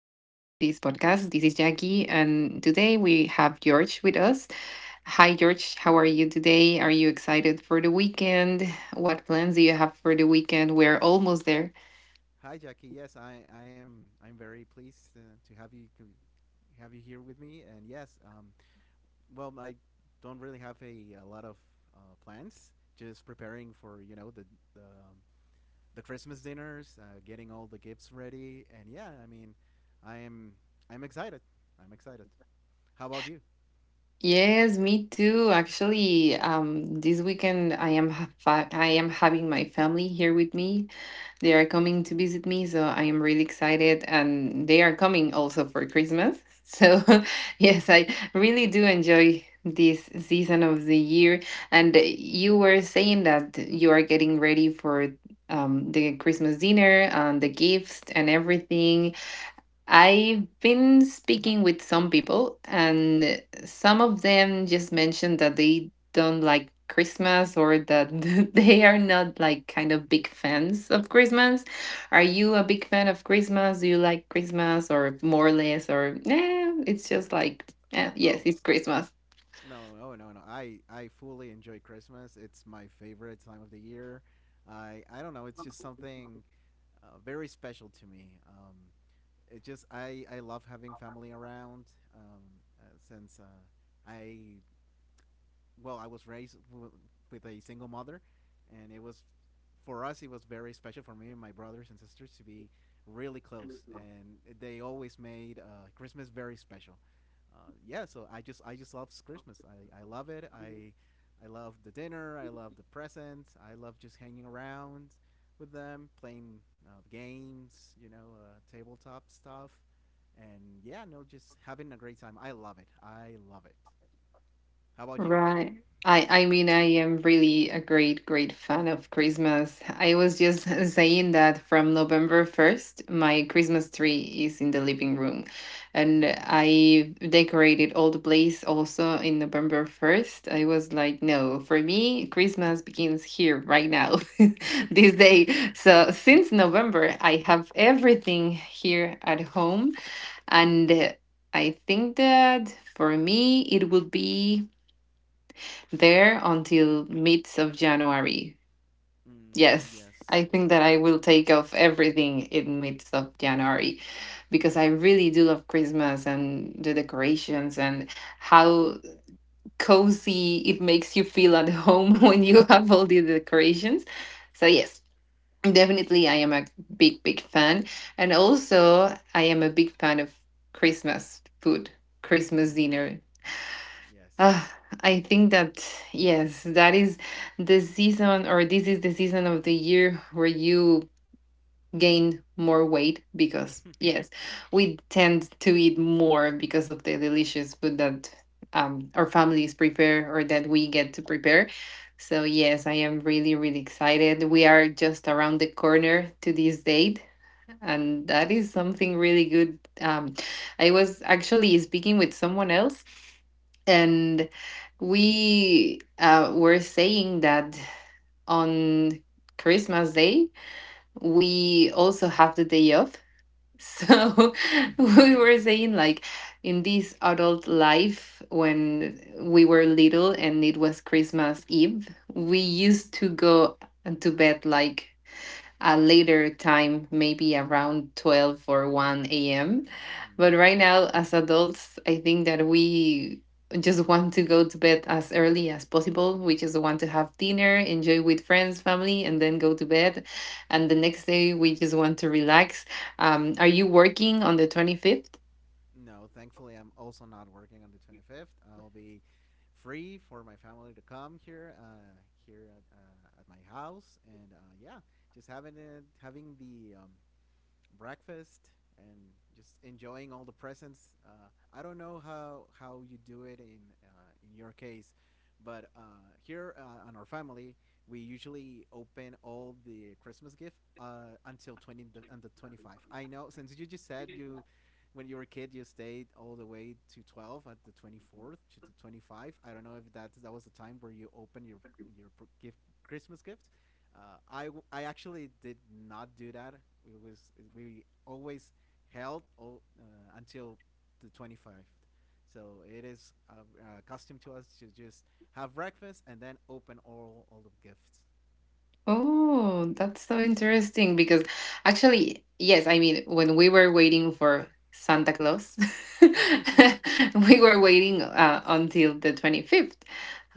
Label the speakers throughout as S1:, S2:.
S1: podcast. This is Jackie, and today we have George with us. Hi, George. How are you today? Are you excited for the weekend? What plans do you have for the weekend? We're almost there.
S2: Hi, Jackie. Yes, I am. I'm very pleased to have you here with me. And yes, I don't really have a lot of plans. Just preparing for the Christmas dinners, getting all the gifts ready, and yeah, I mean, I am I'm excited. I'm excited. How about you?
S1: Yes, me too. Actually, this weekend I am I am having my family here with me. They are coming to visit me, so I am really excited, and they are coming also for Christmas. So, yes, I really do enjoy this season of the year. And you were saying that you are getting ready for the Christmas dinner and the gifts and everything. I've been speaking with some people, and some of them just mentioned that they don't like Christmas or that they are not like kind of big fans of Christmas. Are you a big fan of Christmas? Do you like Christmas or more or less? Or it's just like,
S2: Oh
S1: yes, it's Christmas.
S2: no, oh no, no. I fully enjoy Christmas. It's my favorite time of the year. I don't know. It's just something very special to me. It just I love having family around um, uh, since uh, I I was with a single mother, and it was very special for me and my brothers and sisters to be really close, and they always made Christmas very special. Uh, yeah, so I just love Christmas. I love it. I love the dinner. I love the presents. I love just hanging around with them, playing games, you know, tabletop stuff, and yeah, no, just having a great time. I love it. I love it. How about you?
S1: Right. I mean I am really a great fan of Christmas. I was just saying that from November 1st, my Christmas tree is in the living room, and I decorated all the place also in November 1st. I was like, no, for me Christmas begins here right now. This
S2: mm,
S1: day. So since November, I have everything here at home, and I think that for me it would be there until mid of January. Yes, I
S2: yes,
S1: think
S2: yes,
S1: that I will take off everything in mid of January because I really do love Christmas and the decorations and how cozy it makes you feel at home when you have all the decorations. So yes, definitely I am a big fan, and also I am a big fan of Christmas food, Christmas
S2: mm,
S1: dinner.
S2: yes.
S1: uh, I think that yes, that is the season, or this is the season of the year where you gain more weight because yes, we tend to eat more because of the delicious food that our families prepare or that we get to prepare. So yes, I am really, really excited. We are just around the corner to this date. And that is something really good. I was actually speaking with someone else, and we were saying that on Christmas Day, we also have the day off. So
S2: Mhm.
S1: we were saying, like, in this adult life, when we were little and it was Christmas Eve, we used to go to bed like a later time, maybe around 12 or 1 a.m.
S2: mm.
S1: But right now, as adults, I think that we just want to go to bed as early as possible. We just want to have dinner, enjoy with friends, family, and then go to bed. And the next day, we just want to relax. Are you working on the 25th?
S2: No, thankfully, I'm also not working on the 25th. I'll be free for my family to come here, at my house, and yeah, just having the breakfast and just enjoying all the presents. I don't know how you do it in your case, but here on our family, we usually open all the Christmas gift until twenty the, and the 25. I know since you just said you. When you were a kid, you stayed all the way to 12 at the 24th to the 25. I don't know if that was the time where you open your gift Christmas gift, uh, I I actually did not do that. It was we always held all, until the 25th. So it is a custom to us to just have breakfast and then open all the gifts.
S1: Oh, that's so interesting because actually, yes, I mean, when we were waiting for Santa Claus, we were
S2: Santa,
S1: waiting
S2: yes.
S1: until the 25th.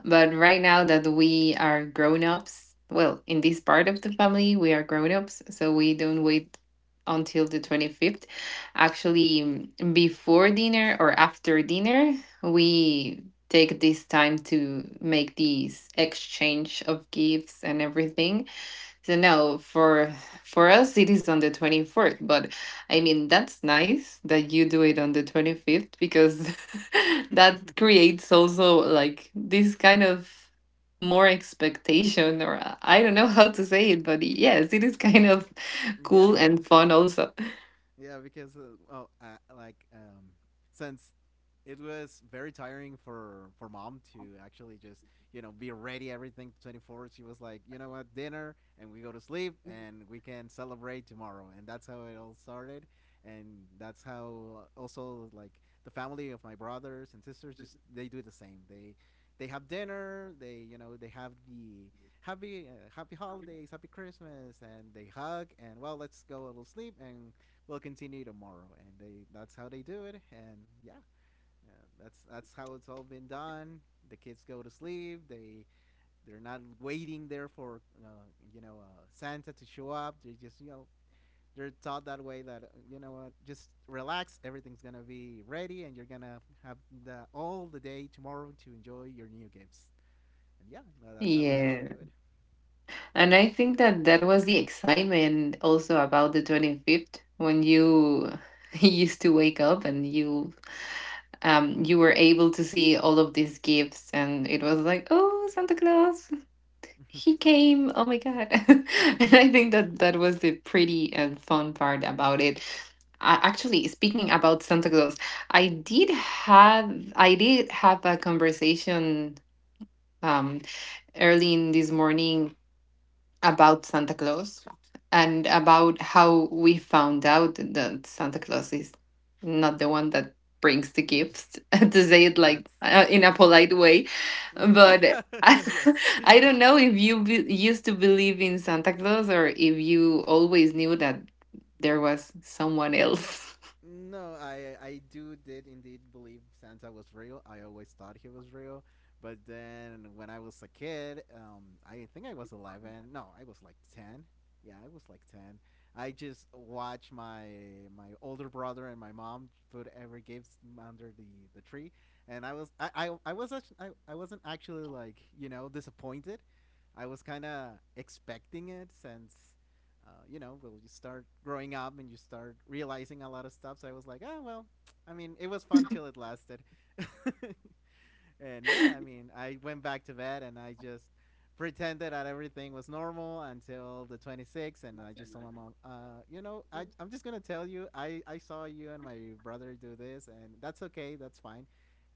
S1: But right now that we are grown-ups, well, in this part of the family, we are grown-ups, so we don't wait until the 25th. Actually, mm, before dinner or after dinner, we take this time to make this exchange of gifts and everything, so no, for us it is on the 24th, but I mean that's nice that you do it on the 25th because that creates also like this kind of more expectation or I don't know how to say it, but yes, it is kind of cool
S2: yeah,
S1: and
S2: yeah.
S1: fun also.
S2: Yeah, because oh, uh, like um, since it was very tiring for mom to actually just be ready everything 24. She was like, you know what, dinner, and we go to sleep, and we can celebrate tomorrow, and that's how it all started, and that's how also like the family of my brothers and sisters just they do the same. They have dinner. They they have the happy holidays, happy Christmas, and they hug and well let's go a little sleep and will continue tomorrow, and they that's how they do it. And yeah, yeah, that's how it's all been done. The kids go to sleep. They're not waiting there for Santa to show up. They just they're taught that way that you know what just relax everything's gonna be ready and you're gonna have all the day tomorrow to enjoy your new gifts and yeah that's how we actually do
S1: Yes. And I think that that was the excitement also about the 25th when you used to wake up and you you were able to see all of these gifts and it was like, "Oh, Santa Claus,
S2: it.
S1: he came. Oh my God." And I think that that was the pretty and fun part about it. I, actually, speaking about Santa Claus, I did have I did have a conversation um early in this morning about Santa Claus and about how we found out that Santa Claus is not the one that brings the gifts, to say it like
S2: that's
S1: in a polite way. But
S2: yes.
S1: I don't know if you used to believe in Santa Claus or if you always knew that there was someone else.
S2: No, I do did indeed believe Santa was real. I always thought he was real, but then when I was a kid, I think I was 11. No, I was like 10. Yeah, I was like 10. I just watched my older brother and my mom put every gift under the tree, and I was actually, I wasn't actually like disappointed. I was kind of expecting it since you know, well, you start growing up and you start realizing a lot of stuff. So I was like, oh, well, I mean, it was fun till it lasted. and yeah, I mean, I went back to bed and I just pretended that everything was normal until the 26th. And I just told my mom, you know, I'm just going to tell you, I saw you and my brother do this, and that's okay, that's fine.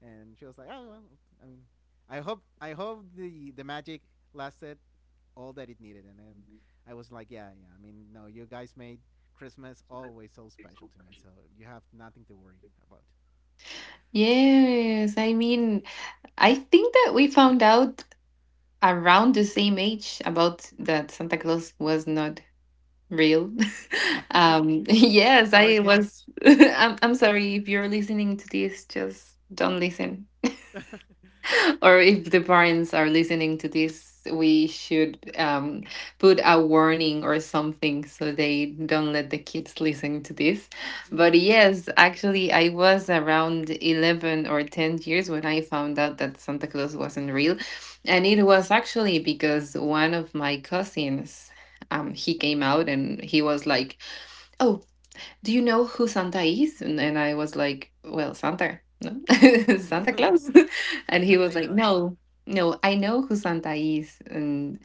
S2: And she was like, oh, well, I mean, I hope the magic lasted all that it needed, and then I was like, yeah, yeah. I mean, no, you guys made Christmas always so special to me, so you have nothing to worry about.
S1: Yes, I mean, I think that we found out around the same age about that Santa Claus was not real. Yes I
S2: Sorry,
S1: was
S2: kids.
S1: I'm sorry if you're listening to this, just don't listen. Or if the parents are listening to this, we should put a warning or something, so they don't let the kids listen to this. But yes, actually, I was around 11 or 10 years when I found out that Santa Claus wasn't real. And it was actually because one of my cousins, he came out and he was like, Oh, do you know who Santa is? And I was like, well, Santa, no, Santa Claus. And he
S2: Santa
S1: was
S2: is
S1: like,
S2: Santa.
S1: no, no, I know who Santa is. And,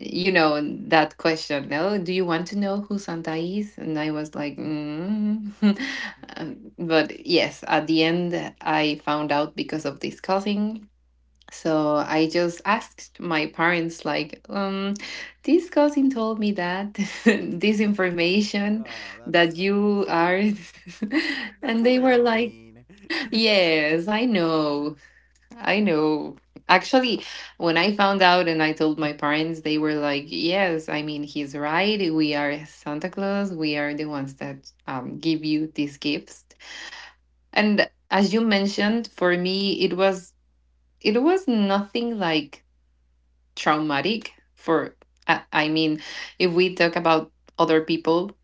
S1: you know, and that question, no, do you want to know who Santa is? And I was like, mm. But yes, at the end, I found out because of this cousin, so I just asked my parents, like, this cousin told me that this information
S2: oh,
S1: that
S2: that's
S1: you are, and
S2: that's a
S1: they were
S2: little
S1: like,
S2: mean.
S1: yes, I know, I know. Actually, when I found out and I told my parents, they were like, yes, I mean, he's right. We are Santa Claus. We are the ones that give you these gifts. And as you mentioned, for me, it was nothing like traumatic for I, mean if we talk about other people,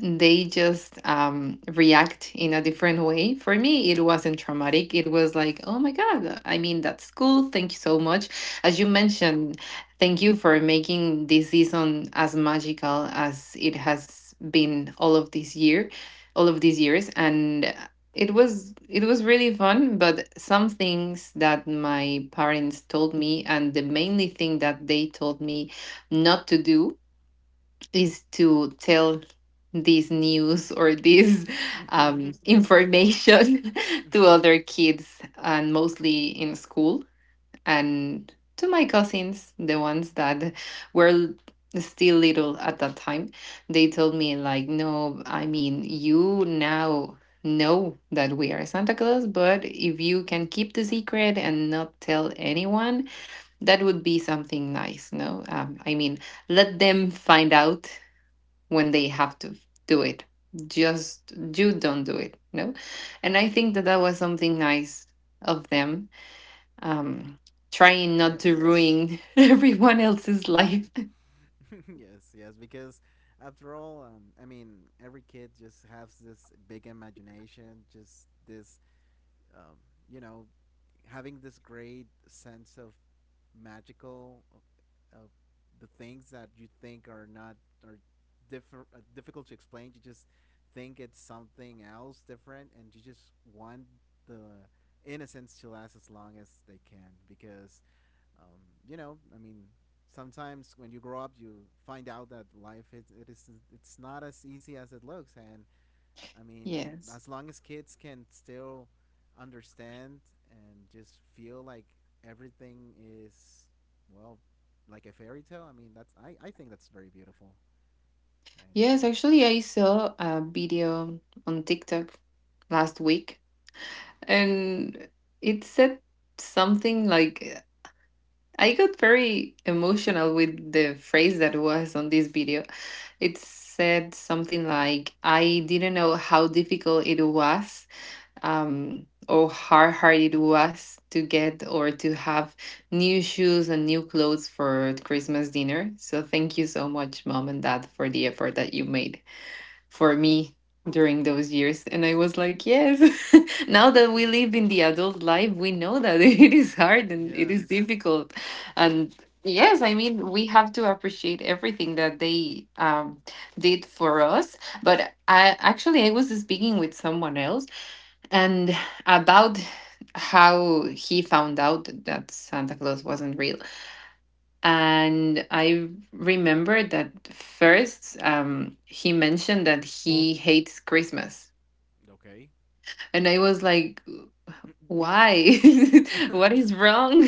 S1: they just react in a different way. For me, it wasn't traumatic. It was like, oh my God, I mean, that's cool. Thank you so much. As you mentioned, thank you for making this season as magical as it has been all of this year, all of these years. And it was really fun, but some things that my parents told me, and the mainly thing that they told me not to do is to tell this news or this information to other kids and mostly in school, and to my cousins, the ones that were l- still little at that time, they told me like, no, I mean, you now know that we are Santa Claus, but if you can keep the secret and not tell anyone, that would be something nice. No, I mean, let them find out when they have to do it, just you don't do it, no. And I think that that was something nice of them, um trying not
S2: yes.
S1: to ruin everyone else's life.
S2: yes, yes, because after all, I mean, every kid just has this big imagination, just um, you know, having this great sense of magical of the things that you think are not are differ, difficult to explain. You just think it's something else different, and you just want the innocence to last as long as they can because um, you know, I mean, sometimes when you grow up, you find out that life is it is it's not as easy as it looks. And I mean,
S1: Yes,
S2: as long as kids can still understand and just feel like everything is well, like a fairy tale. I mean, that's I think that's very beautiful. And
S1: yes,
S2: yeah.
S1: actually, I saw a video on TikTok last week, and it said something like, I got very emotional with the phrase that was on this video. It said something like, I didn't know how difficult it was, or how hard it was to get or to have new shoes and new clothes for Christmas dinner. So thank you so much, mom and dad, for the effort that you made for me during those years. And I was like, yes, now that we live in the adult life, we know that it is hard and it is
S2: yes.
S1: difficult. And yes, I mean, we have to appreciate everything that they did for us. But I was speaking with someone else and about how he found out that Santa Claus wasn't real. And I remember that first, he mentioned that he hates Christmas.
S2: Okay.
S1: And I was like, why, what is wrong?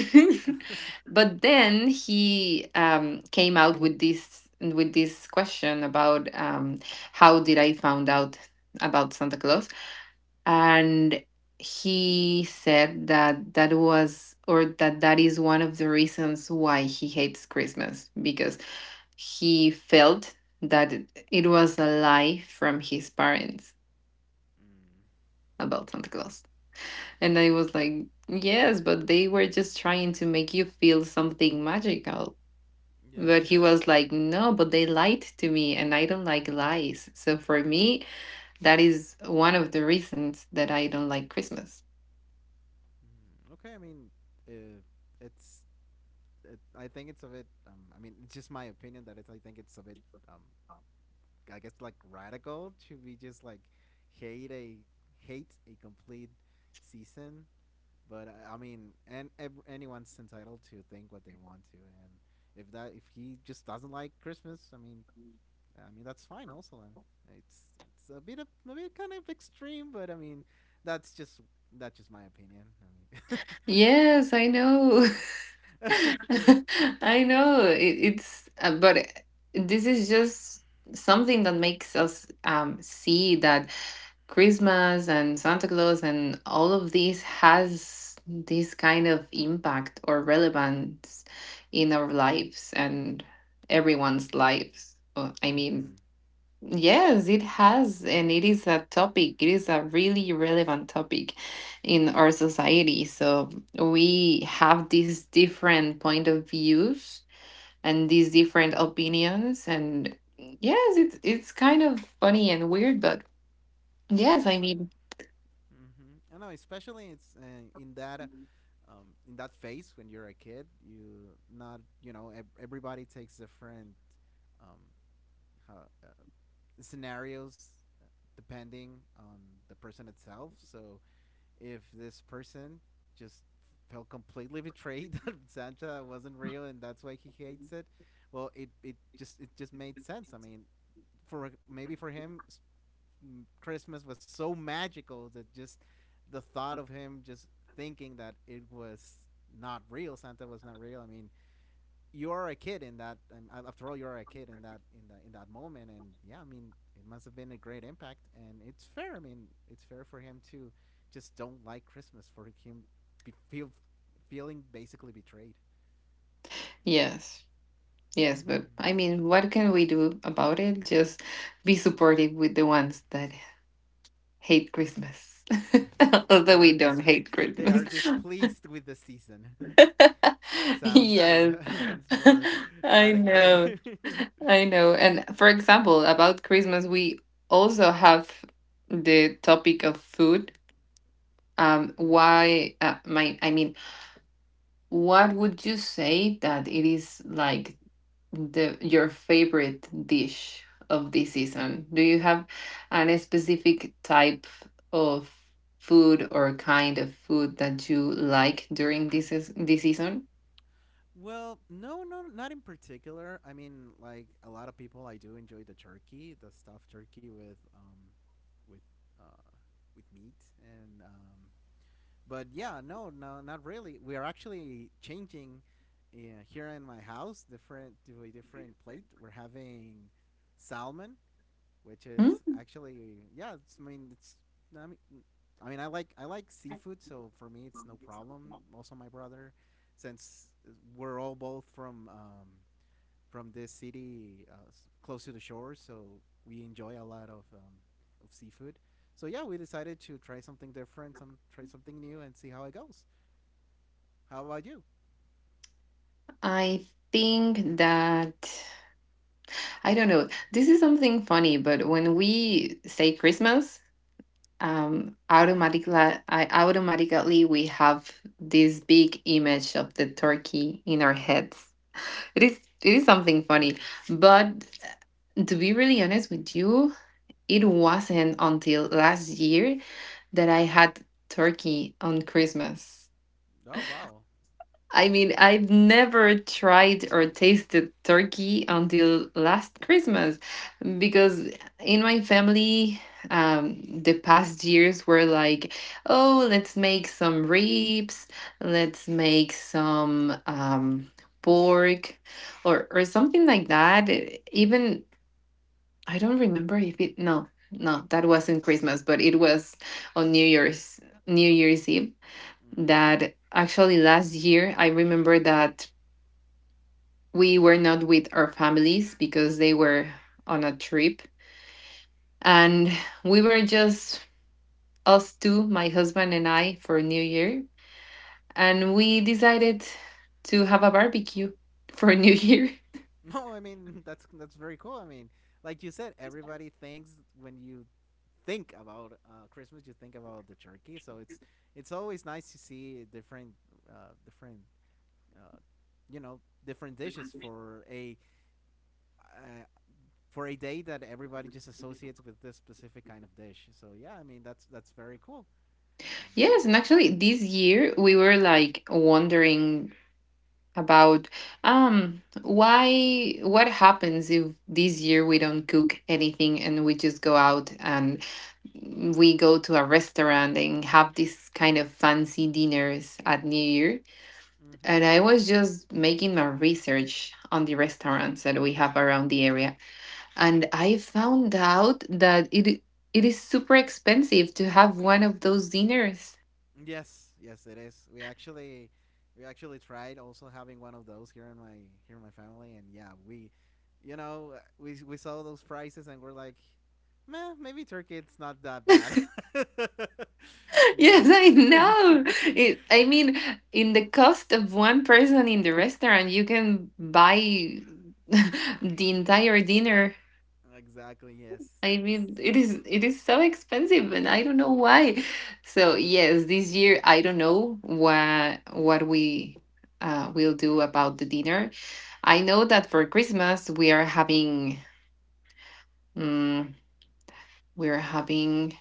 S2: Mm,
S1: But then he came out with this, with this question about how did I found out about Santa Claus. And he said that that was, or that that is one of the reasons why he hates Christmas, because he felt that it was a lie from his parents about Santa Claus. And I was like, yes, but they were just trying to make you feel something magical.
S2: yes.
S1: But he was like, no, but they lied to me and I don't like lies. So for me, that is one of the reasons that I don't like Christmas.
S2: Mm, okay, I mean, uh, it's. It, I think it's a bit. I mean, it's just my opinion that it's. I think it's a bit. Um, I guess like radical to be just like hate a hate a complete season. But I mean, and ev- anyone's entitled to think what they want to, and if he just doesn't like Christmas, I mean that's fine. Also, I it's a bit of a bit kind of extreme, but I mean, that's just that's just my opinion. I mean,
S1: Yes, I know.
S2: it,
S1: I know it's, but this is just something that makes us see that Christmas and Santa Claus and all of this has this kind of impact or relevance in our lives and everyone's lives. I
S2: mm-hmm.
S1: mean, yes, it has, and it is a topic. It is a really relevant topic in our society. So we have these different point of views and these different opinions, and yes, it's kind of funny and weird, but yes,
S2: Yes.
S1: I mean,
S2: Mm-hmm. I know, especially it's in that phase when you're a kid. You not you know ev- everybody takes different um, how, uh, scenarios uh, depending on the person itself. So if this person just felt completely betrayed that Santa wasn't real and that's why he hates it, well, it just made sense. I mean, for maybe for him s- Christmas was so magical that just the thought of him just thinking that it was not real Santa was not real. I mean, you are a kid in that. After all, you are a kid in that moment, and yeah, I mean, it must have been a great impact, and it's fair. I mean, it's fair for him to just don't like Christmas for him be feel feeling basically betrayed.
S1: yes, yes, but I
S2: Mm-hmm.
S1: mean, what can we do about it? Just be supportive with the ones that hate Christmas. Although
S2: they are
S1: we don't
S2: dis-
S1: hate
S2: they are
S1: Christmas.
S2: displeased with the season. sounds
S1: Yes.
S2: sounds more
S1: I
S2: adequate.
S1: know. I know. And for example, about Christmas, we also have the topic of food. Why, my, I mean, what would you say that it is like the your favorite dish of this season? Do you have any specific type of food or kind of food that you like during this season?
S2: Well, no, no, not in particular. I mean, like a lot of people, I do enjoy the turkey, the stuffed turkey with with uh, with meat and but yeah, no, no, not really. We are actually changing here in my house. Different to a different plate. We're having salmon which
S1: Hmm?
S2: is actually yeah. I mean, it's I mean, I mean, I like seafood, so for me it's no problem. Also, my brother, since we're all both from this city close to the shore, so we enjoy a lot of seafood. So yeah, we decided to try something different, some try something new, and see how it goes. How about you?
S1: I think that I don't know. This is something funny, but when we say Christmas, um, automatically, I, automatically we have this big image of the turkey in our heads. It is something
S2: Hmm.
S1: funny, but to be really honest with you, it wasn't until last year that I had turkey on Christmas.
S2: Oh wow.
S1: I mean, I've never tried or tasted turkey until last Christmas because in my family, the past years were like, oh, let's make some ribs, let's make some pork or something like that. Even, I don't remember if it, no, no, that wasn't Christmas, but it was on New Year's, New Year's Eve
S2: Mm.
S1: that actually last year I remember that we were not with our families because they were on a trip and we were just us two, my husband and I, for New Year. And we decided to have a barbecue for New Year.
S2: No, I mean that's very cool. I mean, like you said, everybody thinks when you think about Christmas, you think about the turkey. So it's always nice to see different uh, different uh, you know different dishes for a uh, day that everybody just associates with this specific kind of dish. So yeah, I mean that's very cool. Yeah.
S1: Yes, and actually this year we were like wondering about, why, what happens if this year we don't cook anything and we just go out and we go to a restaurant and have these kind of fancy dinners at New Year. And
S2: Hmm.
S1: I was just making my research on the restaurants that we have around the area. And I found out that it is super expensive to have one of those dinners.
S2: Yes, yes, it is. We actually tried also having one of those here in my family, and yeah, we you know, we saw those prices and we're like, meh, maybe Turkey it's not that bad.
S1: Yes,
S2: yes.
S1: I know. It, I mean, in the cost of one person in the restaurant, you can buy the entire dinner.
S2: exactly.
S1: I
S2: Yes.
S1: mean,
S2: Yes.
S1: it is so expensive, and I don't know why. So yes, this year I don't know what we will do about the dinner. I know that for Christmas we are having, mm, we are having,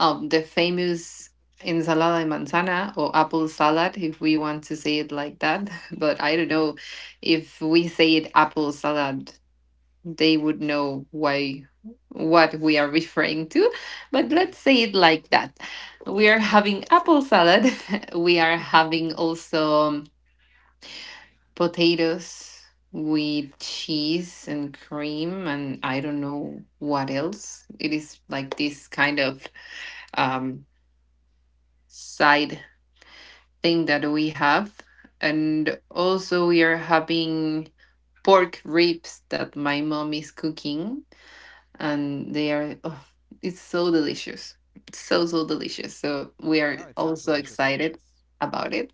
S1: the famous ensalada de manzana, or apple salad, if we want to say it like that. But I don't know if we say it apple salad, they would know why, what we are referring to, but let's
S2: Mhm,
S1: say it like that. We are
S2: mhm,
S1: having apple salad. We are
S2: mhm,
S1: having also, potatoes with cheese and cream and I don't know what else. It is like this kind of um, side thing that we have. And
S2: mhm.
S1: also we are having pork ribs that my mom is cooking, and they are, oh, it's so delicious. It's so so delicious, so we are
S2: no, it sounds
S1: also
S2: delicious.
S1: excited
S2: Yes.
S1: about it.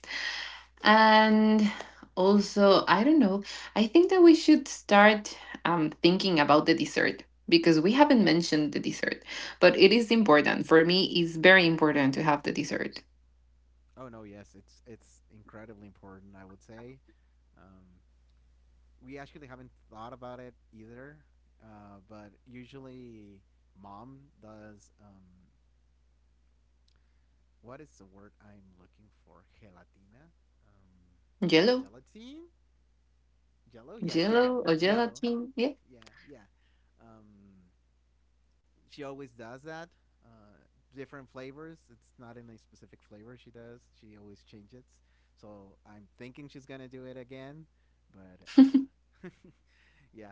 S1: And also, I don't know, I think that we should start thinking about the dessert because we haven't mentioned the dessert, but it is important for me. It's very important to have the dessert.
S2: Oh no, yes, it's incredibly important, I would say. Um, we actually haven't thought about it either, but usually mom does what is the word I'm looking for? Gelatina? Um,
S1: Jello.
S2: gelatine? Jello? Yes, jello.
S1: Jello or
S2: Yellow.
S1: gelatin, yeah.
S2: Yeah, yeah. Um, she always does that. Uh, different flavors. It's not in a specific flavor she does. She always changes. So I'm thinking she's gonna do it again, but yeah,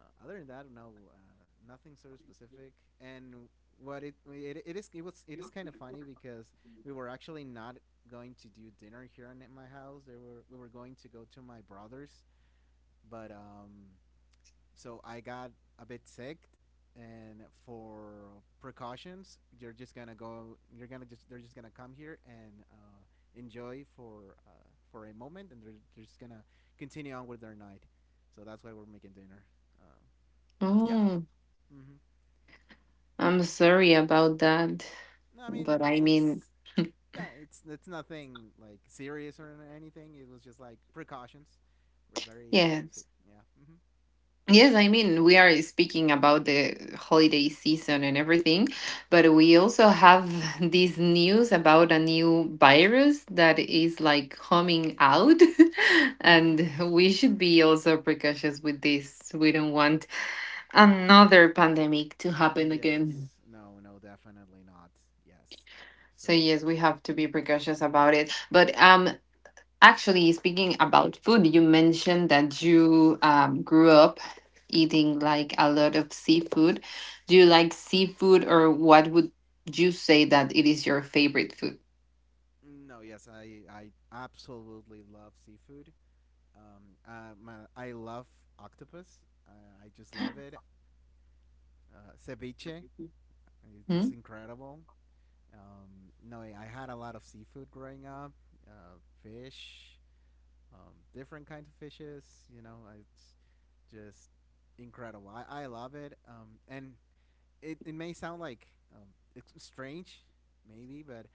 S2: Other than that, no, nothing sort specific. And what it is it was it is kind of funny because we were actually not going to do dinner here in my house. They were we were going to go to my brother's, but so I got a bit sick, and for precautions, you're just gonna go. You're gonna just they're just gonna come here and enjoy for a moment and they're just gonna continue on with their night, so that's why we're making dinner. um, yeah.
S1: Oh,
S2: hmm
S1: I'm sorry about that.
S2: No, I mean
S1: But I
S2: it's
S1: mean,
S2: it's yeah, it's nothing like serious or anything. It was just like precautions. We're very
S1: yes.
S2: serious. Yeah.
S1: Yes, I mean, we are speaking about the holiday season and everything, but we also have this news about a new virus that is like coming out. And
S2: hmm
S1: we should be also precautious with this. We don't want another pandemic to happen again.
S2: yes. No. No. Definitely not. Yes. So
S1: So, yes, we have to be precautious about it. But Actually, speaking about food, you mentioned that you grew up eating like a lot of seafood. Do you like seafood, or what would you say that it is your favorite food?
S2: no. Yes. I absolutely love seafood. I love octopus. I just love it. Ceviche. It's
S1: Hmm?
S2: just incredible. No. I had a lot of seafood growing up. Fish, different kinds of fishes. You know, it's just incredible. I love it. And it may sound like um, it's strange, maybe, but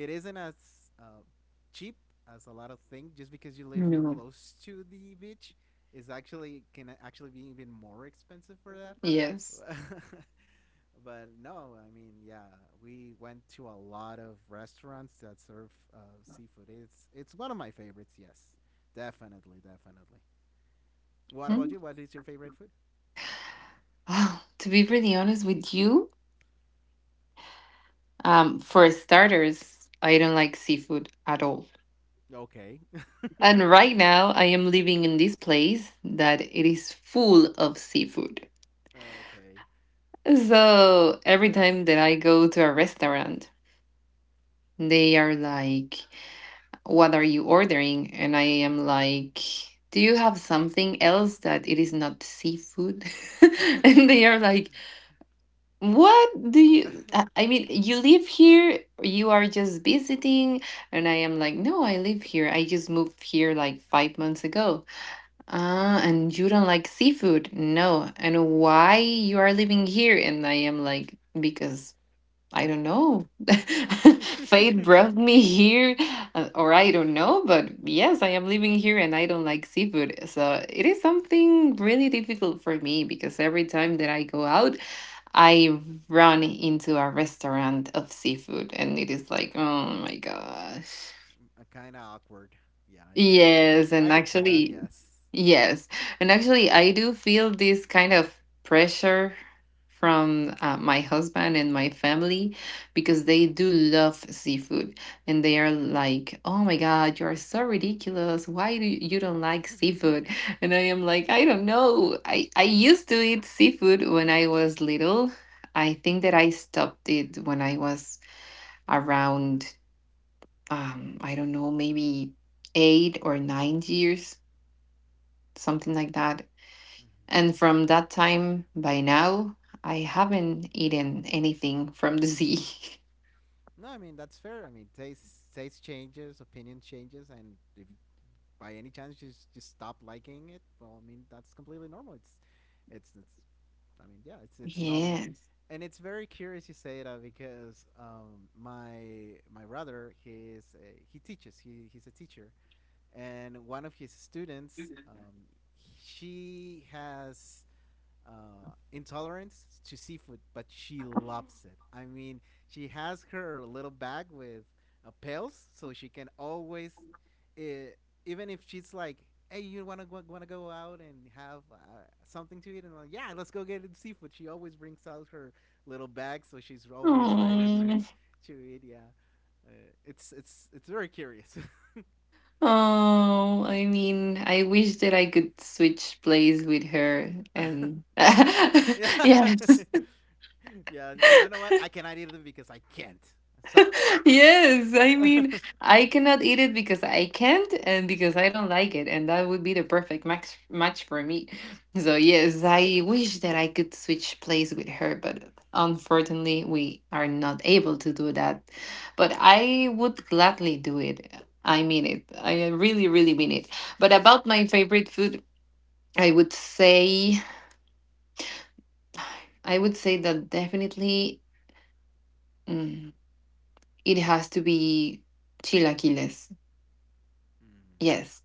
S2: it isn't as uh, cheap as a lot of things. Just because you live
S1: No.
S2: close to the beach, is actually can actually be even more expensive for
S1: Yes.
S2: that. But no, I mean, yeah, we went to a lot of restaurants that serve seafood. It's one of my favorites. Yes, definitely, definitely. What about
S1: Hmm?
S2: you? What is your favorite food?
S1: Oh, to be really honest with you, for starters, I don't like seafood at all.
S2: Okay.
S1: And right now, I am living in this place that it is full of seafood.
S2: Okay.
S1: So every time
S2: Yes.
S1: that I go to a restaurant, they are like, "What are you ordering?" And I am like, "Do you have something else that it is not seafood?" And they are like, "What do
S2: Uh,
S1: you? I mean, you live here, you are just visiting." And I am like, "No, I live here. I just moved here like 5 months ago." "Ah, and you don't like seafood?" "No." "And why you are living here?" And I am like, "Because I don't know." Fate brought me here, or I don't know, but yes, I am living here and I don't like seafood. So it is something really difficult for me because every time that I go out, I run into a restaurant of seafood and it is like, oh my gosh.
S2: Kind of awkward. Yeah, I can
S1: Yes,
S2: I
S1: and
S2: can see that.
S1: actually,
S2: Yes.
S1: yes. And actually, I do feel this kind of pressure from my husband and my family because they do love seafood. And they are like, "Oh my God, you are so ridiculous. Why do you, you don't like seafood?" And I am like, "I don't know. I used to eat seafood when I was little. I think that I stopped it when I was around, I don't know, maybe 8 or 9 years, something like that."
S2: Mhm.
S1: And from that time by now, I haven't eaten anything from the sea.
S2: No, I mean that's fair. I mean taste changes, opinion changes, and if by any chance you just stop liking it, well, I mean that's completely normal. It's I mean yeah, it's normal,
S1: Yes.
S2: and it's very curious you say that because my brother he's he teaches he's a teacher, and one of his students, she has intolerance to seafood, but she loves it. I mean, she has her little bag with pails, so she can always, uh, even if she's like, "Hey, you wanna go out and have something to eat?" And like, "Yeah, let's go get seafood." She always brings out her little bag, so she's always ready
S1: Oh,
S2: to eat. Yeah, uh, it's very curious.
S1: oh, I mean, I wish that I could switch place with her and
S2: Yeah.
S1: yes.
S2: Yeah, you know what? I cannot eat it because I can't. Sorry.
S1: Yes, I mean, I cannot eat it because I can't and because I don't like it, and that would be the perfect max match for me. So
S2: Yes.
S1: yes, I wish that I could switch place with her, but unfortunately, we are not able to do that. But I would gladly do it. I mean it. I really, really mean it. But about my favorite food, I would say, that definitely, mm, it has to be chilaquiles.
S2: Mm.
S1: Yes.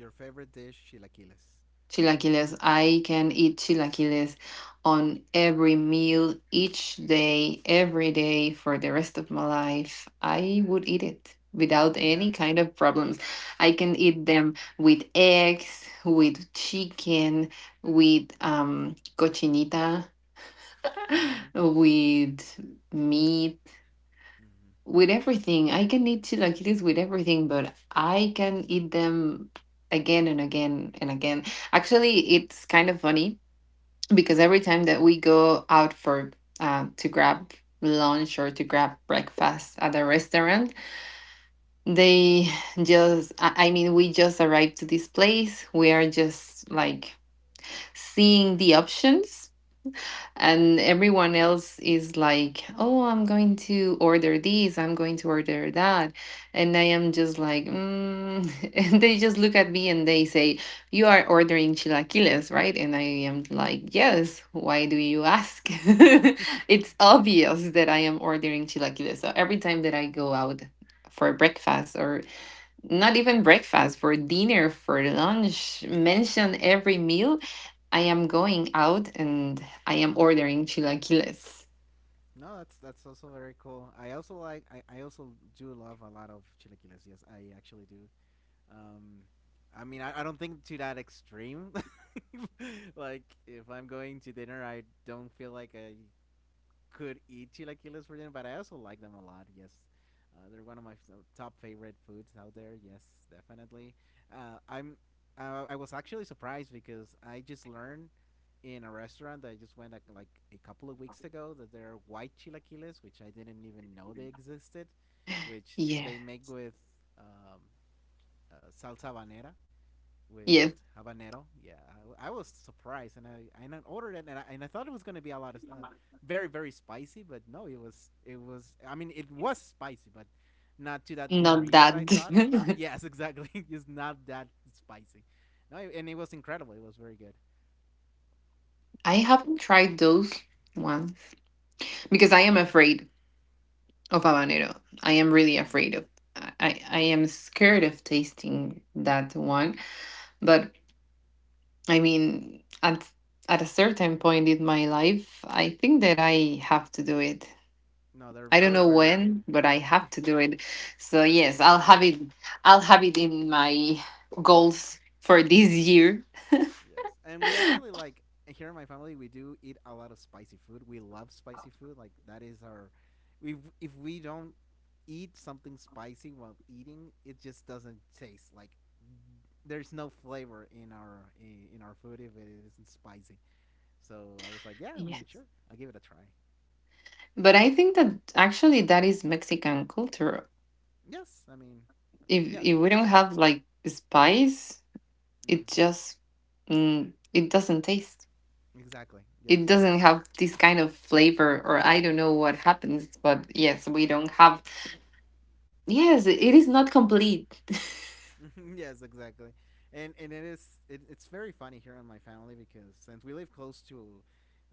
S2: Your favorite dish, chilaquiles.
S1: Chilaquiles. I can eat chilaquiles on every meal, each day, every day for the rest of my life. I would eat it without
S2: Yeah.
S1: any kind of problems. I can eat them with eggs, with chicken, with cochinita,
S2: Mm-hmm.
S1: with meat, with everything. I can eat chilaquiles with everything, but I can eat them again and again and again. Actually, it's kind of funny because every time that we go out for to grab lunch or to grab breakfast at a restaurant, they just, I mean, we just arrived to this place. We are just like seeing the options and everyone else is like, "Oh, I'm going to order this, I'm going to order that," and I am just like, mm. And they just look at me and they say, "You are ordering chilaquiles, right?" And I am like, "Yes, why do you ask?"
S2: Mm-hmm.
S1: It's obvious that I am ordering chilaquiles. So every time that I go out for breakfast or not even breakfast, for dinner, for lunch, mention every meal, I am going out and I am ordering chilaquiles.
S2: No, that's also very cool. I also like. I also do love a lot of chilaquiles. Yes, I actually do. Um, I mean, I don't think to that extreme. Like, if I'm going to dinner, I don't feel like I could eat chilaquiles for dinner, but I also like them a lot. Yes, they're one of my top favorite foods out there. Yes, definitely. Uh, I'm. I was actually surprised because I just learned in a restaurant that I just went like a couple of weeks ago that there are white chilaquiles, which I didn't even know they existed, which
S1: Yeah.
S2: they make with um, salsa banera, with
S1: Yes,
S2: habanero. Yeah, I was surprised, and I ordered it, and I thought it was gonna be a lot of very very spicy, but no, it was it was. I mean, it was spicy, but not to that
S1: not
S2: degree that
S1: that.
S2: I thought. Yes, exactly. It's not that spicy. No, and it was incredible. It was very good.
S1: I haven't tried those ones because I am afraid of habanero. I am really
S2: Mm.
S1: afraid of. I am scared of tasting that one. But I mean, at a certain point in my life, I think that I have to do it.
S2: No,
S1: I don't
S2: they're
S1: know
S2: very good.
S1: when, but I have to do it. So yes, I'll have it. I'll have it in my goals for this year.
S2: Yes, and we actually like here in my family we do eat a lot of spicy food. We love spicy food. Like that is our, we if we don't eat something spicy while eating, it just doesn't taste like. There's no flavor in our food if it isn't spicy. So I was like, yeah, I
S1: Yeah.
S2: mean, sure, I'll give it a try.
S1: But I think that actually that is Mexican culture.
S2: Yes, I mean,
S1: If
S2: yes, of
S1: we don't
S2: course.
S1: have like spice, it
S2: hmm
S1: just, mm, it doesn't taste.
S2: Exactly.
S1: It
S2: Yes, you're
S1: doesn't
S2: right.
S1: have this kind of flavor, or I don't know what happens. But yes, we don't have. Yes, it is not complete.
S2: Yes, exactly. And it is it's very funny here in my family because since we live close to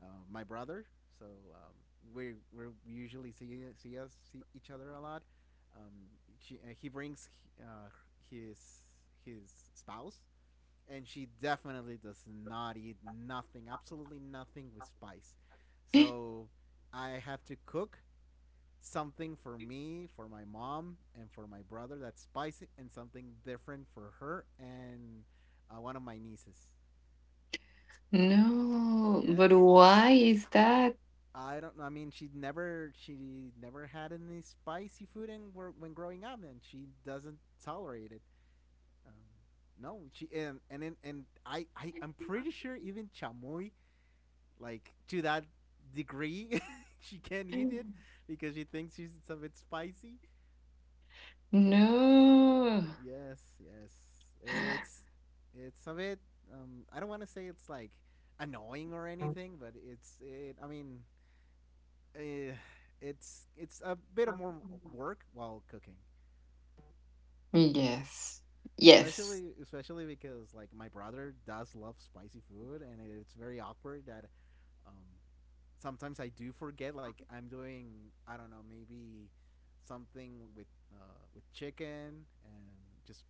S2: my brother, so um, we usually see each other a lot. He brings uh, his spouse, and she definitely does not eat nothing, absolutely nothing with spice. So I have to cook something for me, for my mom, and for my brother that's spicy, and something different for her and one of my nieces.
S1: No, but
S2: Yes.
S1: why is that?
S2: I don't know. I mean, she never had any spicy food in, when growing up, and she doesn't tolerate it. Um, no, she and I I'm pretty sure even chamoy like to that degree she can't eat it because she thinks it's a bit spicy.
S1: No.
S2: Yes, yes. It's it's a bit I don't want to say it's like annoying or anything, but it's it I mean, eh, it's a bit of more work while cooking.
S1: Yes. Yes.
S2: Especially especially because like my brother does love spicy food and it's very awkward that um sometimes I do forget like I'm doing I don't know, maybe something with chicken and just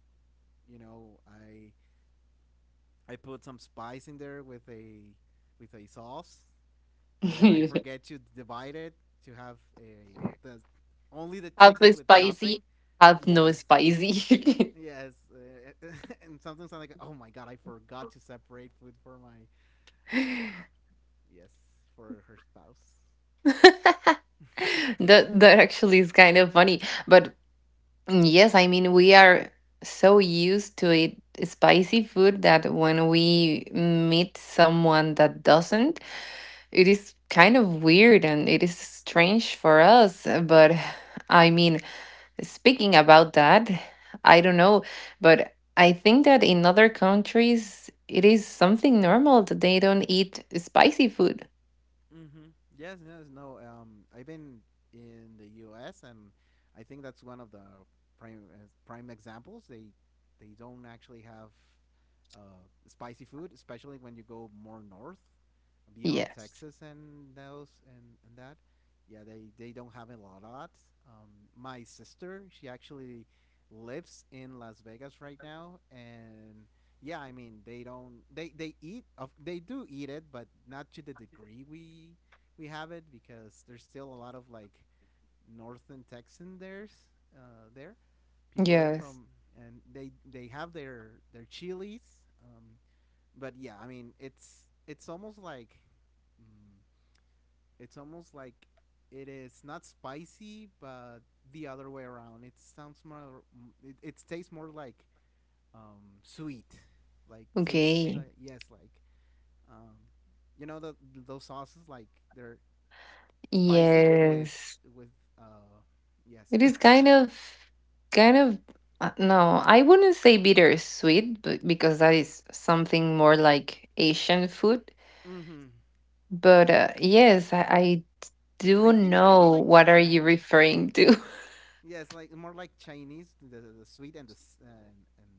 S2: you know, I put some spice in there with a sauce, and then I forget to divide it to have a the only the
S1: Half
S2: chicken
S1: is
S2: with nothing.
S1: spicy, half
S2: Yes,
S1: no spicy.
S2: yes, and sometimes I'm like, oh my god, I forgot to separate food for my um yes for her spouse.
S1: That actually is kind of funny. But yes, I mean we are so used to it spicy food that when we meet someone that doesn't, it is kind of weird and it is strange for us. But I mean, speaking about that, I don't know, but I think that in other countries it is something normal that they don't eat spicy food.
S2: Mm-hmm. Yes, yes, no. I've been in the U.S. and I think that's one of the prime prime examples. They don't actually have spicy food, especially when you go more north, beyond
S1: Yes.
S2: Texas and and that. Yeah, they don't have a lot. My sister, she actually lives in Las Vegas right now, and yeah, I mean they don't they eat of they do eat it, but not to the degree we have it because there's still a lot of like northern Texan there's there people there
S1: Yes.
S2: from, and they have their chilies, but yeah, I mean it's almost like mm, it's almost like it is not spicy, but the other way around. It sounds more it tastes more like sweet like taste
S1: Okay.
S2: like yes like um, you know the those sauces like they're spicy with
S1: Yes.
S2: with uh yes.
S1: It is kind of, no, I wouldn't say bittersweet, but because that is something more like Asian food.
S2: Mm-hmm.
S1: But yes, I
S2: I
S1: do
S2: think it's more
S1: know
S2: like
S1: what are you
S2: Chinese.
S1: referring to.
S2: Yes, like more like Chinese, the sweet and the and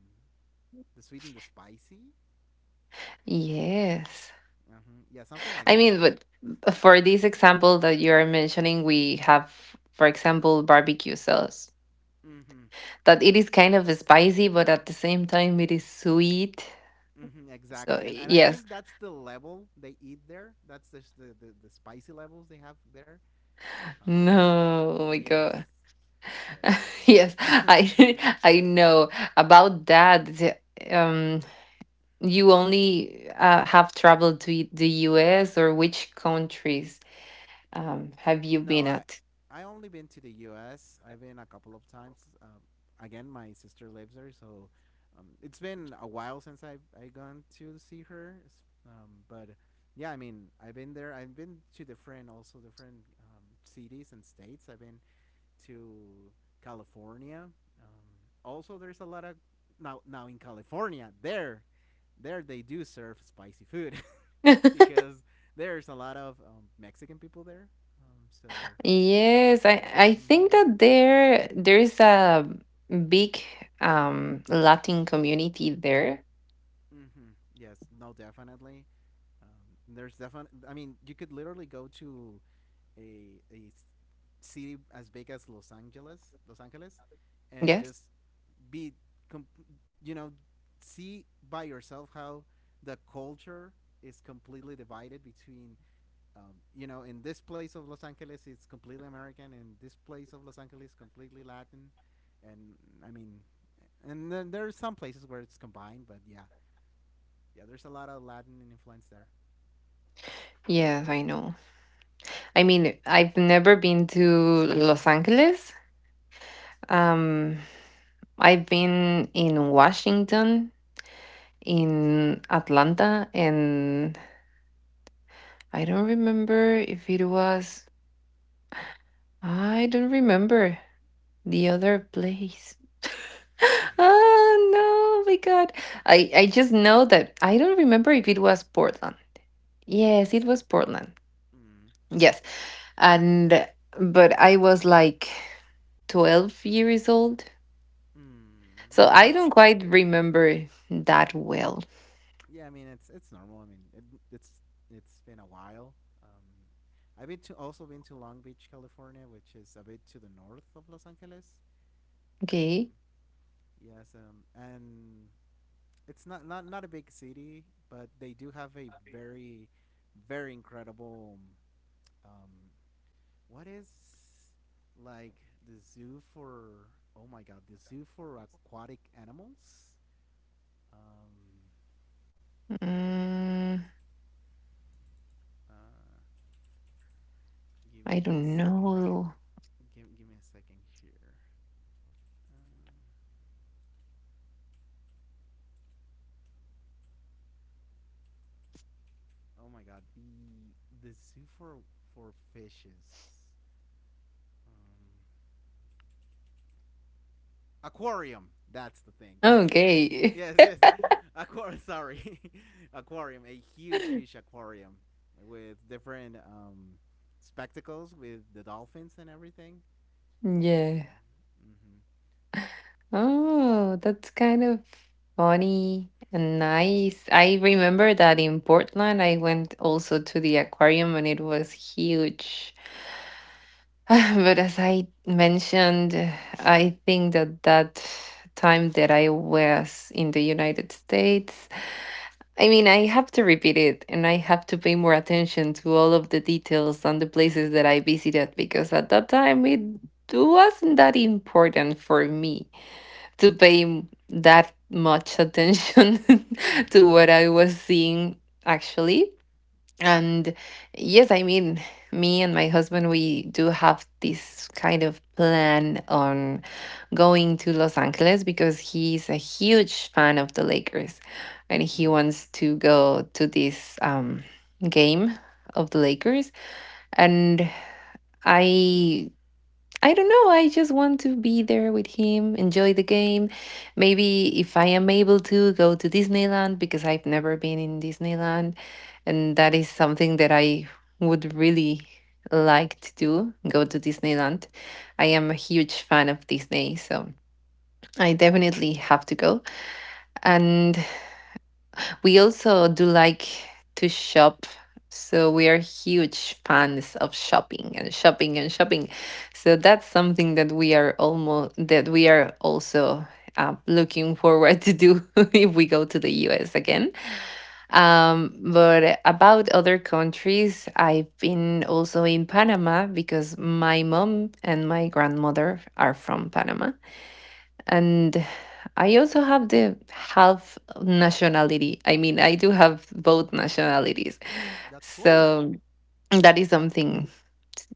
S2: the sweet and the spicy.
S1: Yes.
S2: Yeah, something like
S1: I
S2: that.
S1: mean, but for this example that you are mentioning, we have, for example, barbecue sauce.
S2: Mm-hmm.
S1: That it is kind of spicy, but at the same time, it is sweet.
S2: Mm-hmm, exactly,
S1: So
S2: and I think
S1: yes,
S2: that's the level they eat there. That's just the the spicy levels they have there. Uh,
S1: no, oh my
S2: yes,
S1: God,
S2: yes, yes,
S1: yes,
S2: yes.
S1: I I know about that. The- Um, you only have traveled to the U.S. or which countries
S2: N-
S1: have you
S2: no,
S1: been at?
S2: I only been to the U.S. I've been a couple of times. Again, my sister lives there, so it's been a while since I gone to see her. But yeah, I mean, I've been there. I've been to different also different cities and states. I've been to California. Um, Also, there's a lot of now in California there they do serve spicy food. Because there's a lot of Mexican people there. Um, so,
S1: Yes, I think
S2: mm-hmm,
S1: that there is a big Latin community there.
S2: mm-hmm. Yes, no, definitely. There's definitely. I mean, you could literally go to a a s- city as big as Los Angeles, Los Angeles, and
S1: Yes.
S2: just be, com- you know, see by yourself how the culture is completely divided between you know, in this place of Los Angeles, it's completely American, and this place of Los Angeles, completely Latin, and I mean, and then there are some places where it's combined, but yeah, yeah, there's a lot of Latin influence there.
S1: Yes, I know. I mean, I've never been to Los Angeles. Um, I've been in Washington, in Atlanta, and I don't remember if it was I don't remember the other place.
S2: Mm-hmm.
S1: Oh no, my God. I just know that I don't remember if it was Portland. Yes, it was Portland.
S2: Mm.
S1: Yes. And, but I was like 12 years old.
S2: Mm. No, I
S1: So
S2: mean
S1: I
S2: it's
S1: don't quite remember that well.
S2: yeah, I mean it's normal. It's it's been a while. Um, I've been to also been to Long Beach, California, which is a bit to the north of Los Angeles.
S1: Okay.
S2: Um, yes, and it's not a big city, but they do have a very very incredible um what is like the zoo for oh my god the zoo for aquatic animals um
S1: Mm,
S2: uh give
S1: I
S2: me a
S1: don't
S2: second
S1: know.
S2: give me a second here uh, oh my god the zoo for fishes um aquarium, that's the thing.
S1: Okay.
S2: Yes, yes. Aquarium. Sorry, aquarium. A huge, huge aquarium with different spectacles with the dolphins and everything.
S1: Yeah.
S2: Um,
S1: Oh, that's kind of funny and nice. I remember that in Portland, I went also to the aquarium and it was huge. But as I mentioned, I think that time that I was in the United States, I mean, I have to repeat it and I have to pay more attention to all of the details on the places that I visited because at that time it wasn't that important for me to pay that much attention to
S2: mm-hmm.
S1: what I was seeing actually. And yes, I mean, me and my husband, we do have this kind of plan on going to Los Angeles because he's a huge fan of the Lakers and he
S2: Mm.
S1: wants to go to this game of the Lakers. And I I don't know. I just want to be there with him, enjoy the game. Maybe if I am able to go to Disneyland, because I've never been in Disneyland, and that is something that I would really like to do, go to Disneyland. I am a huge fan of Disney, so I
S2: Mm-hmm.
S1: definitely have to go. And we also do like to shop. So we are huge fans of shopping and shopping and shopping. So that's something that we are also looking forward to do if we go to the US again. But about other countries, I've been also in Panama because my mom and my grandmother are from Panama, and I also have the half nationality. I mean, I do have both nationalities.
S2: That's cool.
S1: So that is something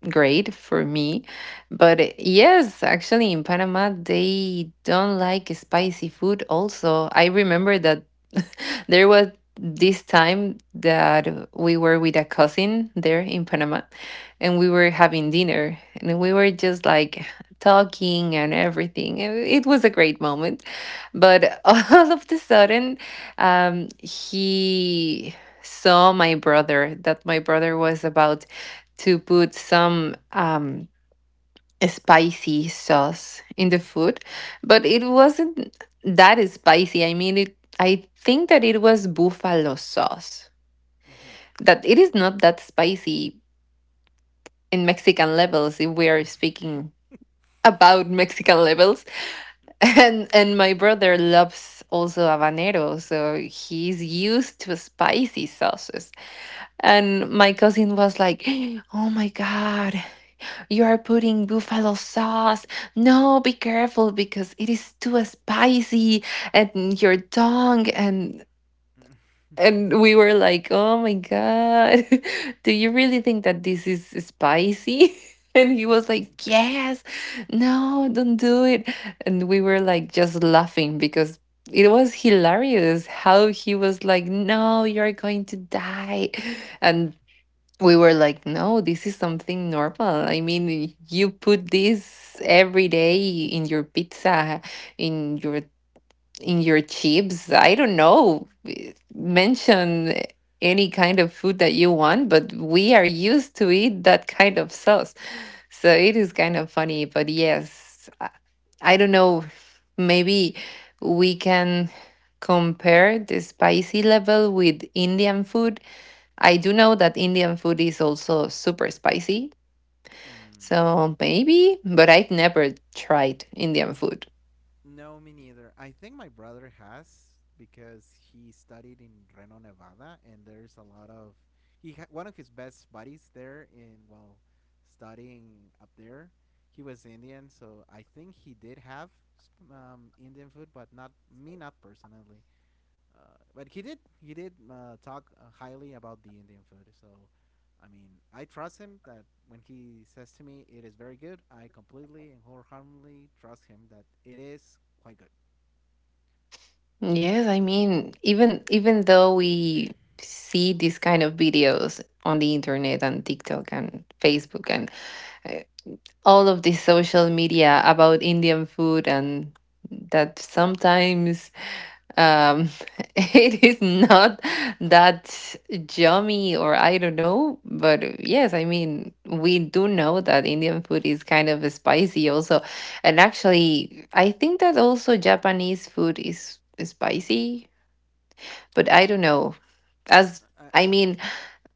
S1: great for me. But yes, actually, in Panama, they don't like spicy food, also. I remember that there was this time that we were with a cousin there in Panama, and we were having dinner and we were just like talking and everything. It was a great moment. But all of the sudden, he saw my brother that my brother was about to put some spicy sauce in the food, but it wasn't that spicy. I mean, I think that it was buffalo sauce. That it is not that spicy in Mexican levels, if we are
S2: Mm-hmm.
S1: speaking about Mexican levels. And my brother loves also habanero, so he's used to spicy sauces. And my cousin was like, "Oh my God, you are putting buffalo sauce. No, be careful because it is too spicy and your tongue and we were like, "Oh my god. Do you really think that this is spicy?" And he was like, "Yes. No, don't do it." And we were like just laughing because it was hilarious how he was like, "No, you're going to die." And we were like, no, this is something normal. I mean, you put this every day in your pizza, in your in your chips. I don't know. Mention any kind of food that you want, but we are used to eat that kind of sauce. So it is kind of funny, but yes, I don't know. Maybe we can compare the spicy level with Indian food. I do know that Indian food is also super spicy.
S2: Mm.
S1: So maybe, but I've never tried Indian food.
S2: No, me neither. I think my brother has because he studied in Reno, Nevada, and there's a lot of one of his best buddies there in well studying up there. He was Indian, so I think he did have Indian food, but not me, not personally. But he did talk highly about the Indian food. So I mean, I trust him that when he says to me it is very good, I completely and wholeheartedly trust him that it is quite good.
S1: Yes, I mean, even though we see these kind of videos on the internet and TikTok and Facebook and uh, all of the social media about Indian food, and that sometimes um, it is not that yummy or I don't know. But yes, I mean, we do know that Indian food is kind of spicy also. And actually, I think that also Japanese food is spicy, but I don't know. As
S2: Uh,
S1: I mean,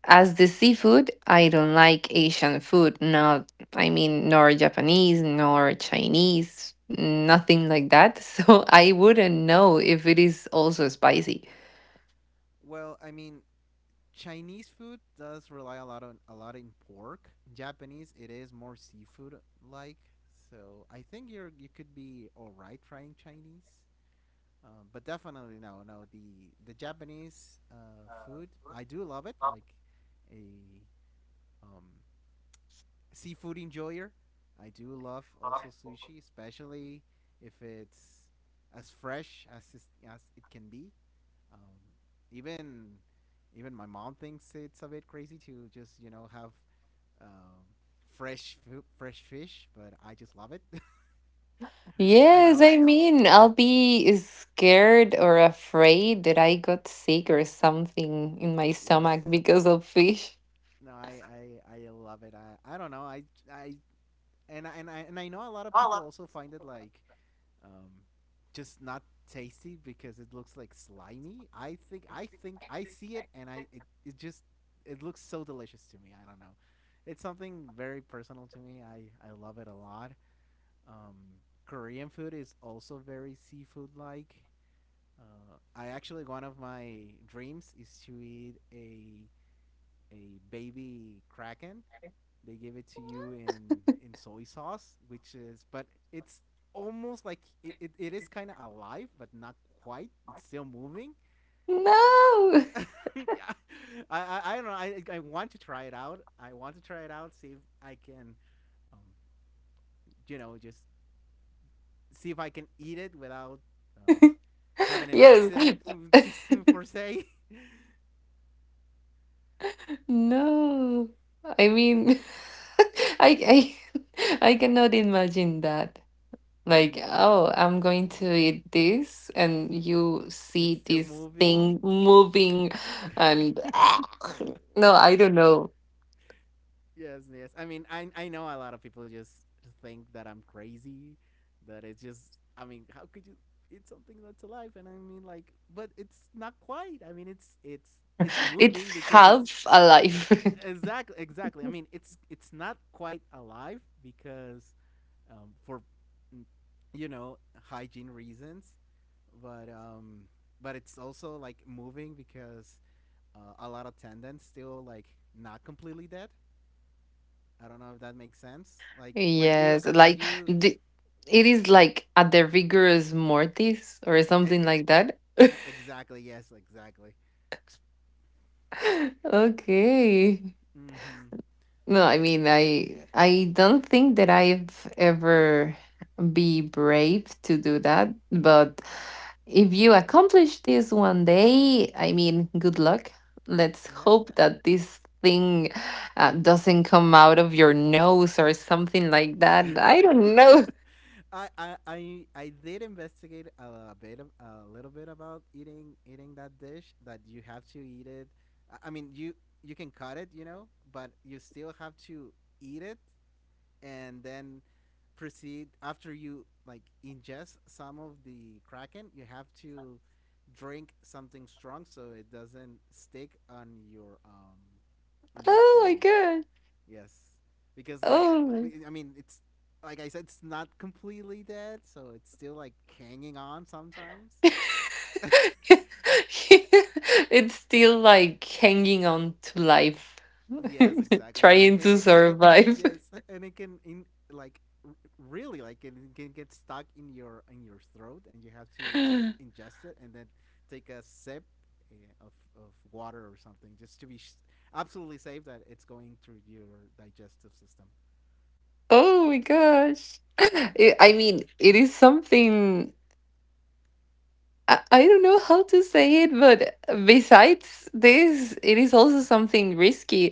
S1: as the seafood, I don't like Asian food. Not, I mean, nor Japanese, nor Chinese, nothing like that. So I wouldn't know if it is also spicy.
S2: well, I mean, Chinese food does rely a lot on a lot in pork. Japanese, it is more seafood like. So I think you could be all right trying Chinese, but definitely no, no. The Japanese food, I do love it. Like a um, seafood enjoyer, I do love also sushi, especially if it's as fresh as is- as it can be. Um, even Even my mom thinks it's a bit crazy to just have um, fresh fish, but I just love it. I know.
S1: Yes, I mean, I'll be scared or afraid that I got sick or something in my
S2: Yes.
S1: stomach because of fish.
S2: No, I love it. I don't know. I and I- and I and I know a lot of people also find it like um, just not tasty because it looks like slimy. I think I see it and it just it looks so delicious to me. I don't know. It's something very personal to me. I love it a lot. Korean food is also very seafood like. I actually one of my dreams is to eat a baby kraken. They give it to you in soy sauce, which is but it's almost like it is kind of alive, but not quite. It's still moving.
S1: No.
S2: Uh, yeah, I don't know. I want to try it out. I want to try it out. See if I can, um, you know, just see if I can eat it without uh, having an
S1: Yes.
S2: accident, just for say.
S1: No, I mean, I I I cannot imagine that. Like, oh, I'm going to eat this, and you
S2: It's
S1: see
S2: still
S1: this
S2: moving.
S1: thing moving, and no,
S2: Yes,
S1: I don't know.
S2: yes. I mean, I know a lot of people just think that I'm crazy, that it's just. I mean, how could you eat something that's alive? And I mean, like, but it's not quite. I mean, it's moving
S1: It's
S2: because it's.
S1: half alive.
S2: Exactly, exactly. I mean, it's not quite alive because for mm, you know hygiene reasons, but um, but it's also like moving because a lot of tendons still like not completely dead. I don't know if that makes sense. Like
S1: Yes, like
S2: when you
S1: the, it is like at the rigorous mortis or
S2: e-
S1: something
S2: e-
S1: like that.
S2: exactly, yes, exactly.
S1: Okay.
S2: Mm-hmm.
S1: No, I mean, I don't think that I've ever be brave to do that, but if you accomplish this one day, I mean, good luck. Let's
S2: Yeah,
S1: hope that this thing doesn't come out of your nose or something like that. I don't know.
S2: I I did investigate a little bit about eating that dish that you have to eat it. I mean you can cut it, you know, but you still have to eat it and then proceed after you like ingest some of the kraken, you have to drink something strong so it doesn't stick on your
S1: Oh my
S2: throat.
S1: God.
S2: Yes, because like
S1: Oh.
S2: I mean, it's like I said, it's not completely dead, so it's still like hanging on sometimes.
S1: It's still like hanging on to life,
S2: Yes, exactly,
S1: trying
S2: and
S1: to
S2: and, and, and
S1: survive.
S2: yes, and it can in like really like it can get stuck in your throat, and you have to like ingest it and then take a sip eh, of water or something just to be absolutely safe that it's going through your digestive system.
S1: Oh my gosh. I mean, it is something I don't know how to say it, but besides this, it is also something risky.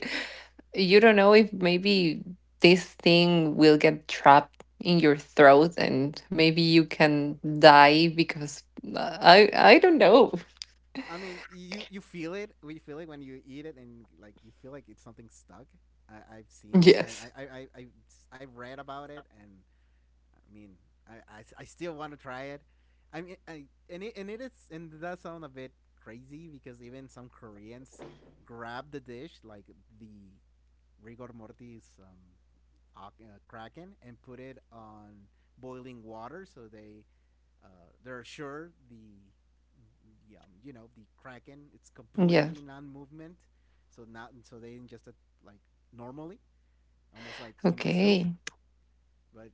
S1: You don't know if maybe this thing will get trapped in your throat and maybe you can die because I don't know.
S2: I mean, you feel it. You feel it when you eat it, and like you feel like it's something stuck. I, I've seen.
S1: Yes.
S2: I have read about it, and I mean, I still want to try it. I mean, I, and it is and it does sound a bit crazy because even some Koreans grab the dish like the rigor mortis kraken and put it on boiling water so they uh, they're sure the you know the kraken it's completely
S1: Yes.
S2: non-movement, so not so they ingest it like normally, almost like in a soup.
S1: Okay.
S2: But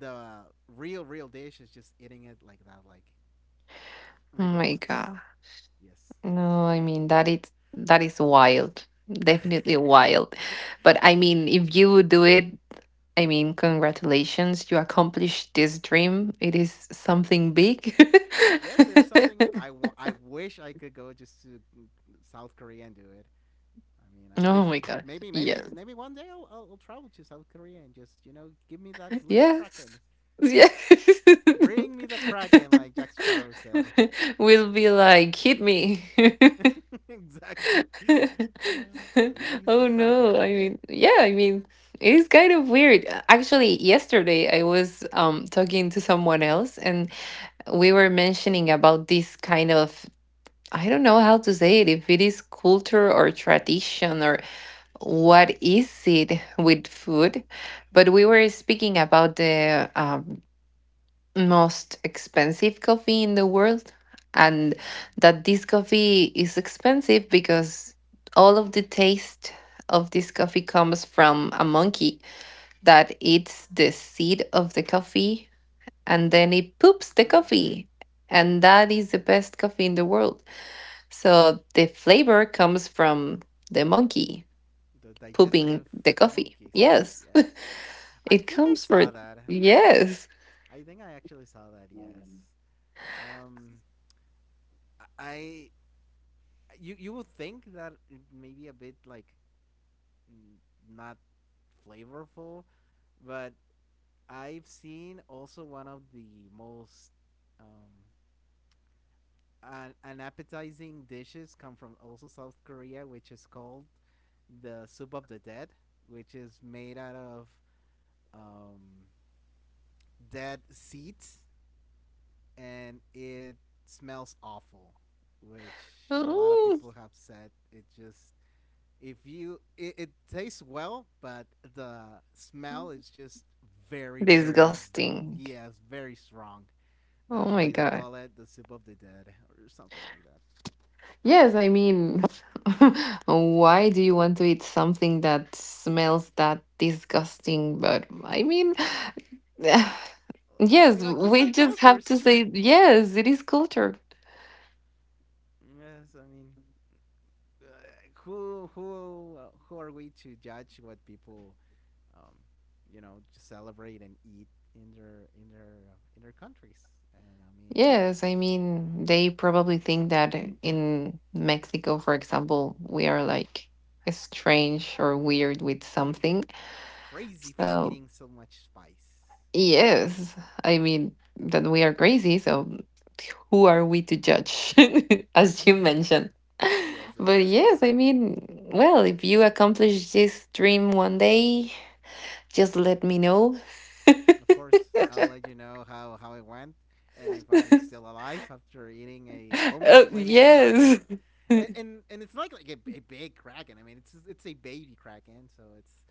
S2: the real real dish is just eating it like that, like
S1: Oh
S2: rigor
S1: my
S2: mortis.
S1: God.
S2: Yes.
S1: No, I mean that is wild. Definitely wild. But I mean, if you do it, I mean, congratulations. You accomplished this dream. It is something big.
S2: Yes, it is something I wish I could go just to South Korea and do it. I mean, I wish
S1: Oh my gosh. Yes.
S2: maybe one day I'll travel to South Korea and just you know give me that living
S1: Yes.
S2: kraken.
S1: Yes.
S2: Bring me the Kraken, like Jack Sparrow said.
S1: Will be like, hit me.
S2: Exactly. Uh, Release the
S1: Oh
S2: Kraken.
S1: no. I mean, yeah, I mean, it is kind of weird. Actually, yesterday I was talking to someone else, and we were mentioning about this kind of I don't know how to say it, if it is culture or tradition or what is it with food, but we were speaking about the most expensive coffee in the world, and
S2: Mm.
S1: that this coffee is expensive because all of the taste of this coffee comes from a monkey that eats the seed of the coffee, and then it poops the
S2: Mm.
S1: coffee, and that is the best coffee in the world. So the flavor comes from the monkey
S2: The
S1: pooping
S2: digestive
S1: the coffee,
S2: monkeys.
S1: yes.
S2: Yes. I
S1: It
S2: think I
S1: comes from,
S2: saw that.
S1: yes.
S2: I think I actually saw that. Yes. Um, I You you would think that it may be a bit like not flavorful, but I've seen also one of the most um, an appetizing dishes come from also South Korea, which is called the soup of the dead, which is made out of um, dead seeds, and it smells awful, which a lot of
S1: Mm,
S2: people have said it just if it tastes well, but the smell is just very very.
S1: disgusting.
S2: Yes, very strong. That's
S1: Oh
S2: why
S1: my
S2: they
S1: God.
S2: call it the soup of the dead or something like that.
S1: Yes, I mean, why do you want to eat something that smells that disgusting? But I mean,
S2: I mean,
S1: yes,
S2: like you
S1: we
S2: said,
S1: just have to
S2: cultures.
S1: say, yes, it is culture.
S2: Yes, I mean, uh, who are we to judge what people, um, you know, just celebrate and eat in their in their countries? And I mean,
S1: Yes, I mean,
S2: mm-hmm,
S1: they probably think that in Mexico, for example, we are like strange or weird with
S2: mm-hmm.
S1: something.
S2: Crazy for
S1: So.
S2: eating so much spice.
S1: Yes. I mean, that we are crazy, so who are we to judge, as you mentioned?
S2: Yes,
S1: But
S2: exactly.
S1: yes, I mean, well, if you accomplish this dream one day, just let me know.
S2: Of course, I'll let you know how it went and if I'm still alive after eating a
S1: Oh,
S2: almost living
S1: yes.
S2: kraken. And, it's not like a big kraken. I mean, it's a baby kraken, so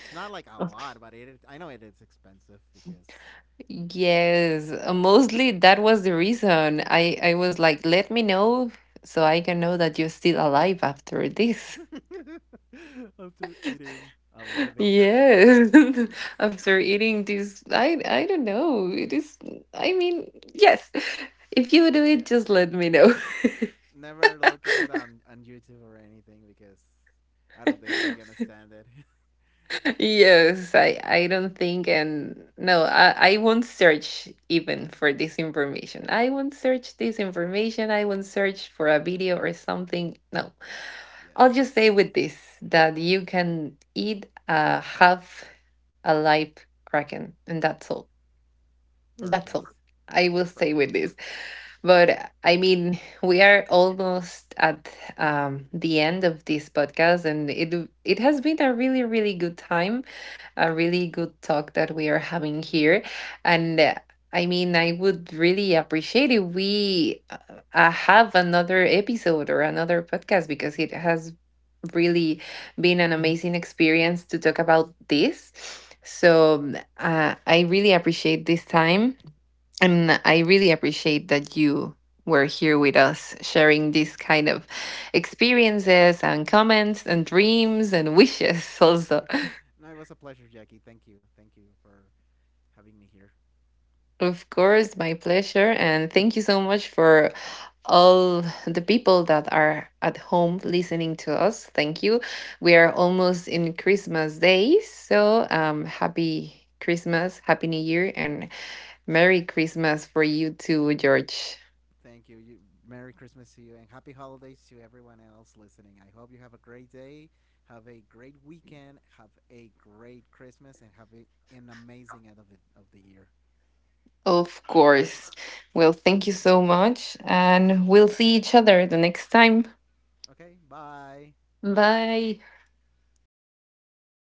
S2: it's not like a lot, but it I know it is expensive because
S1: Yes, mostly that was the reason. I was like, let me know so I can know that you're still alive after this.
S2: after eating a living kraken.
S1: Yes. After eating this, I don't know. It is, I mean, yes. If you do
S2: So, yeah,
S1: it, just let me know.
S2: never look at it on YouTube or anything because I don't think you're gonna stand it.
S1: Yes, I don't think, and no, I won't search even for this information. I won't search this information. I won't search for a video or something. No. I'll just say
S2: Yes.
S1: with this that you can eat a half a live kraken and that's all. That's all
S2: Perfect.
S1: I will say
S2: Perfect.
S1: with this. But I mean, we are almost at the end of this podcast, and it has been a really, really good time, a really good talk that we are having here. And I mean, I would really appreciate if we have another episode or another podcast, because it has really been an amazing experience to talk about this. So I really appreciate this time, and I really appreciate that you were here with us sharing these kind of experiences and comments and dreams and wishes also.
S2: No, it was a pleasure, Jackie. Thank you. Thank you for having me here.
S1: Of course, my pleasure, and thank you so much for all the people that are at home listening to us. Thank you. We are almost in Christmas days, so happy Christmas, happy New Year, and Merry Christmas for you too, George.
S2: Thank you. You Merry Christmas to you and happy holidays to everyone else listening. I hope you have a great day, have a great weekend, have a great Christmas, and have an amazing end of of the year.
S1: Of course. Well, thank you so much. And we'll see each other the next time.
S2: Okay, bye.
S1: Bye.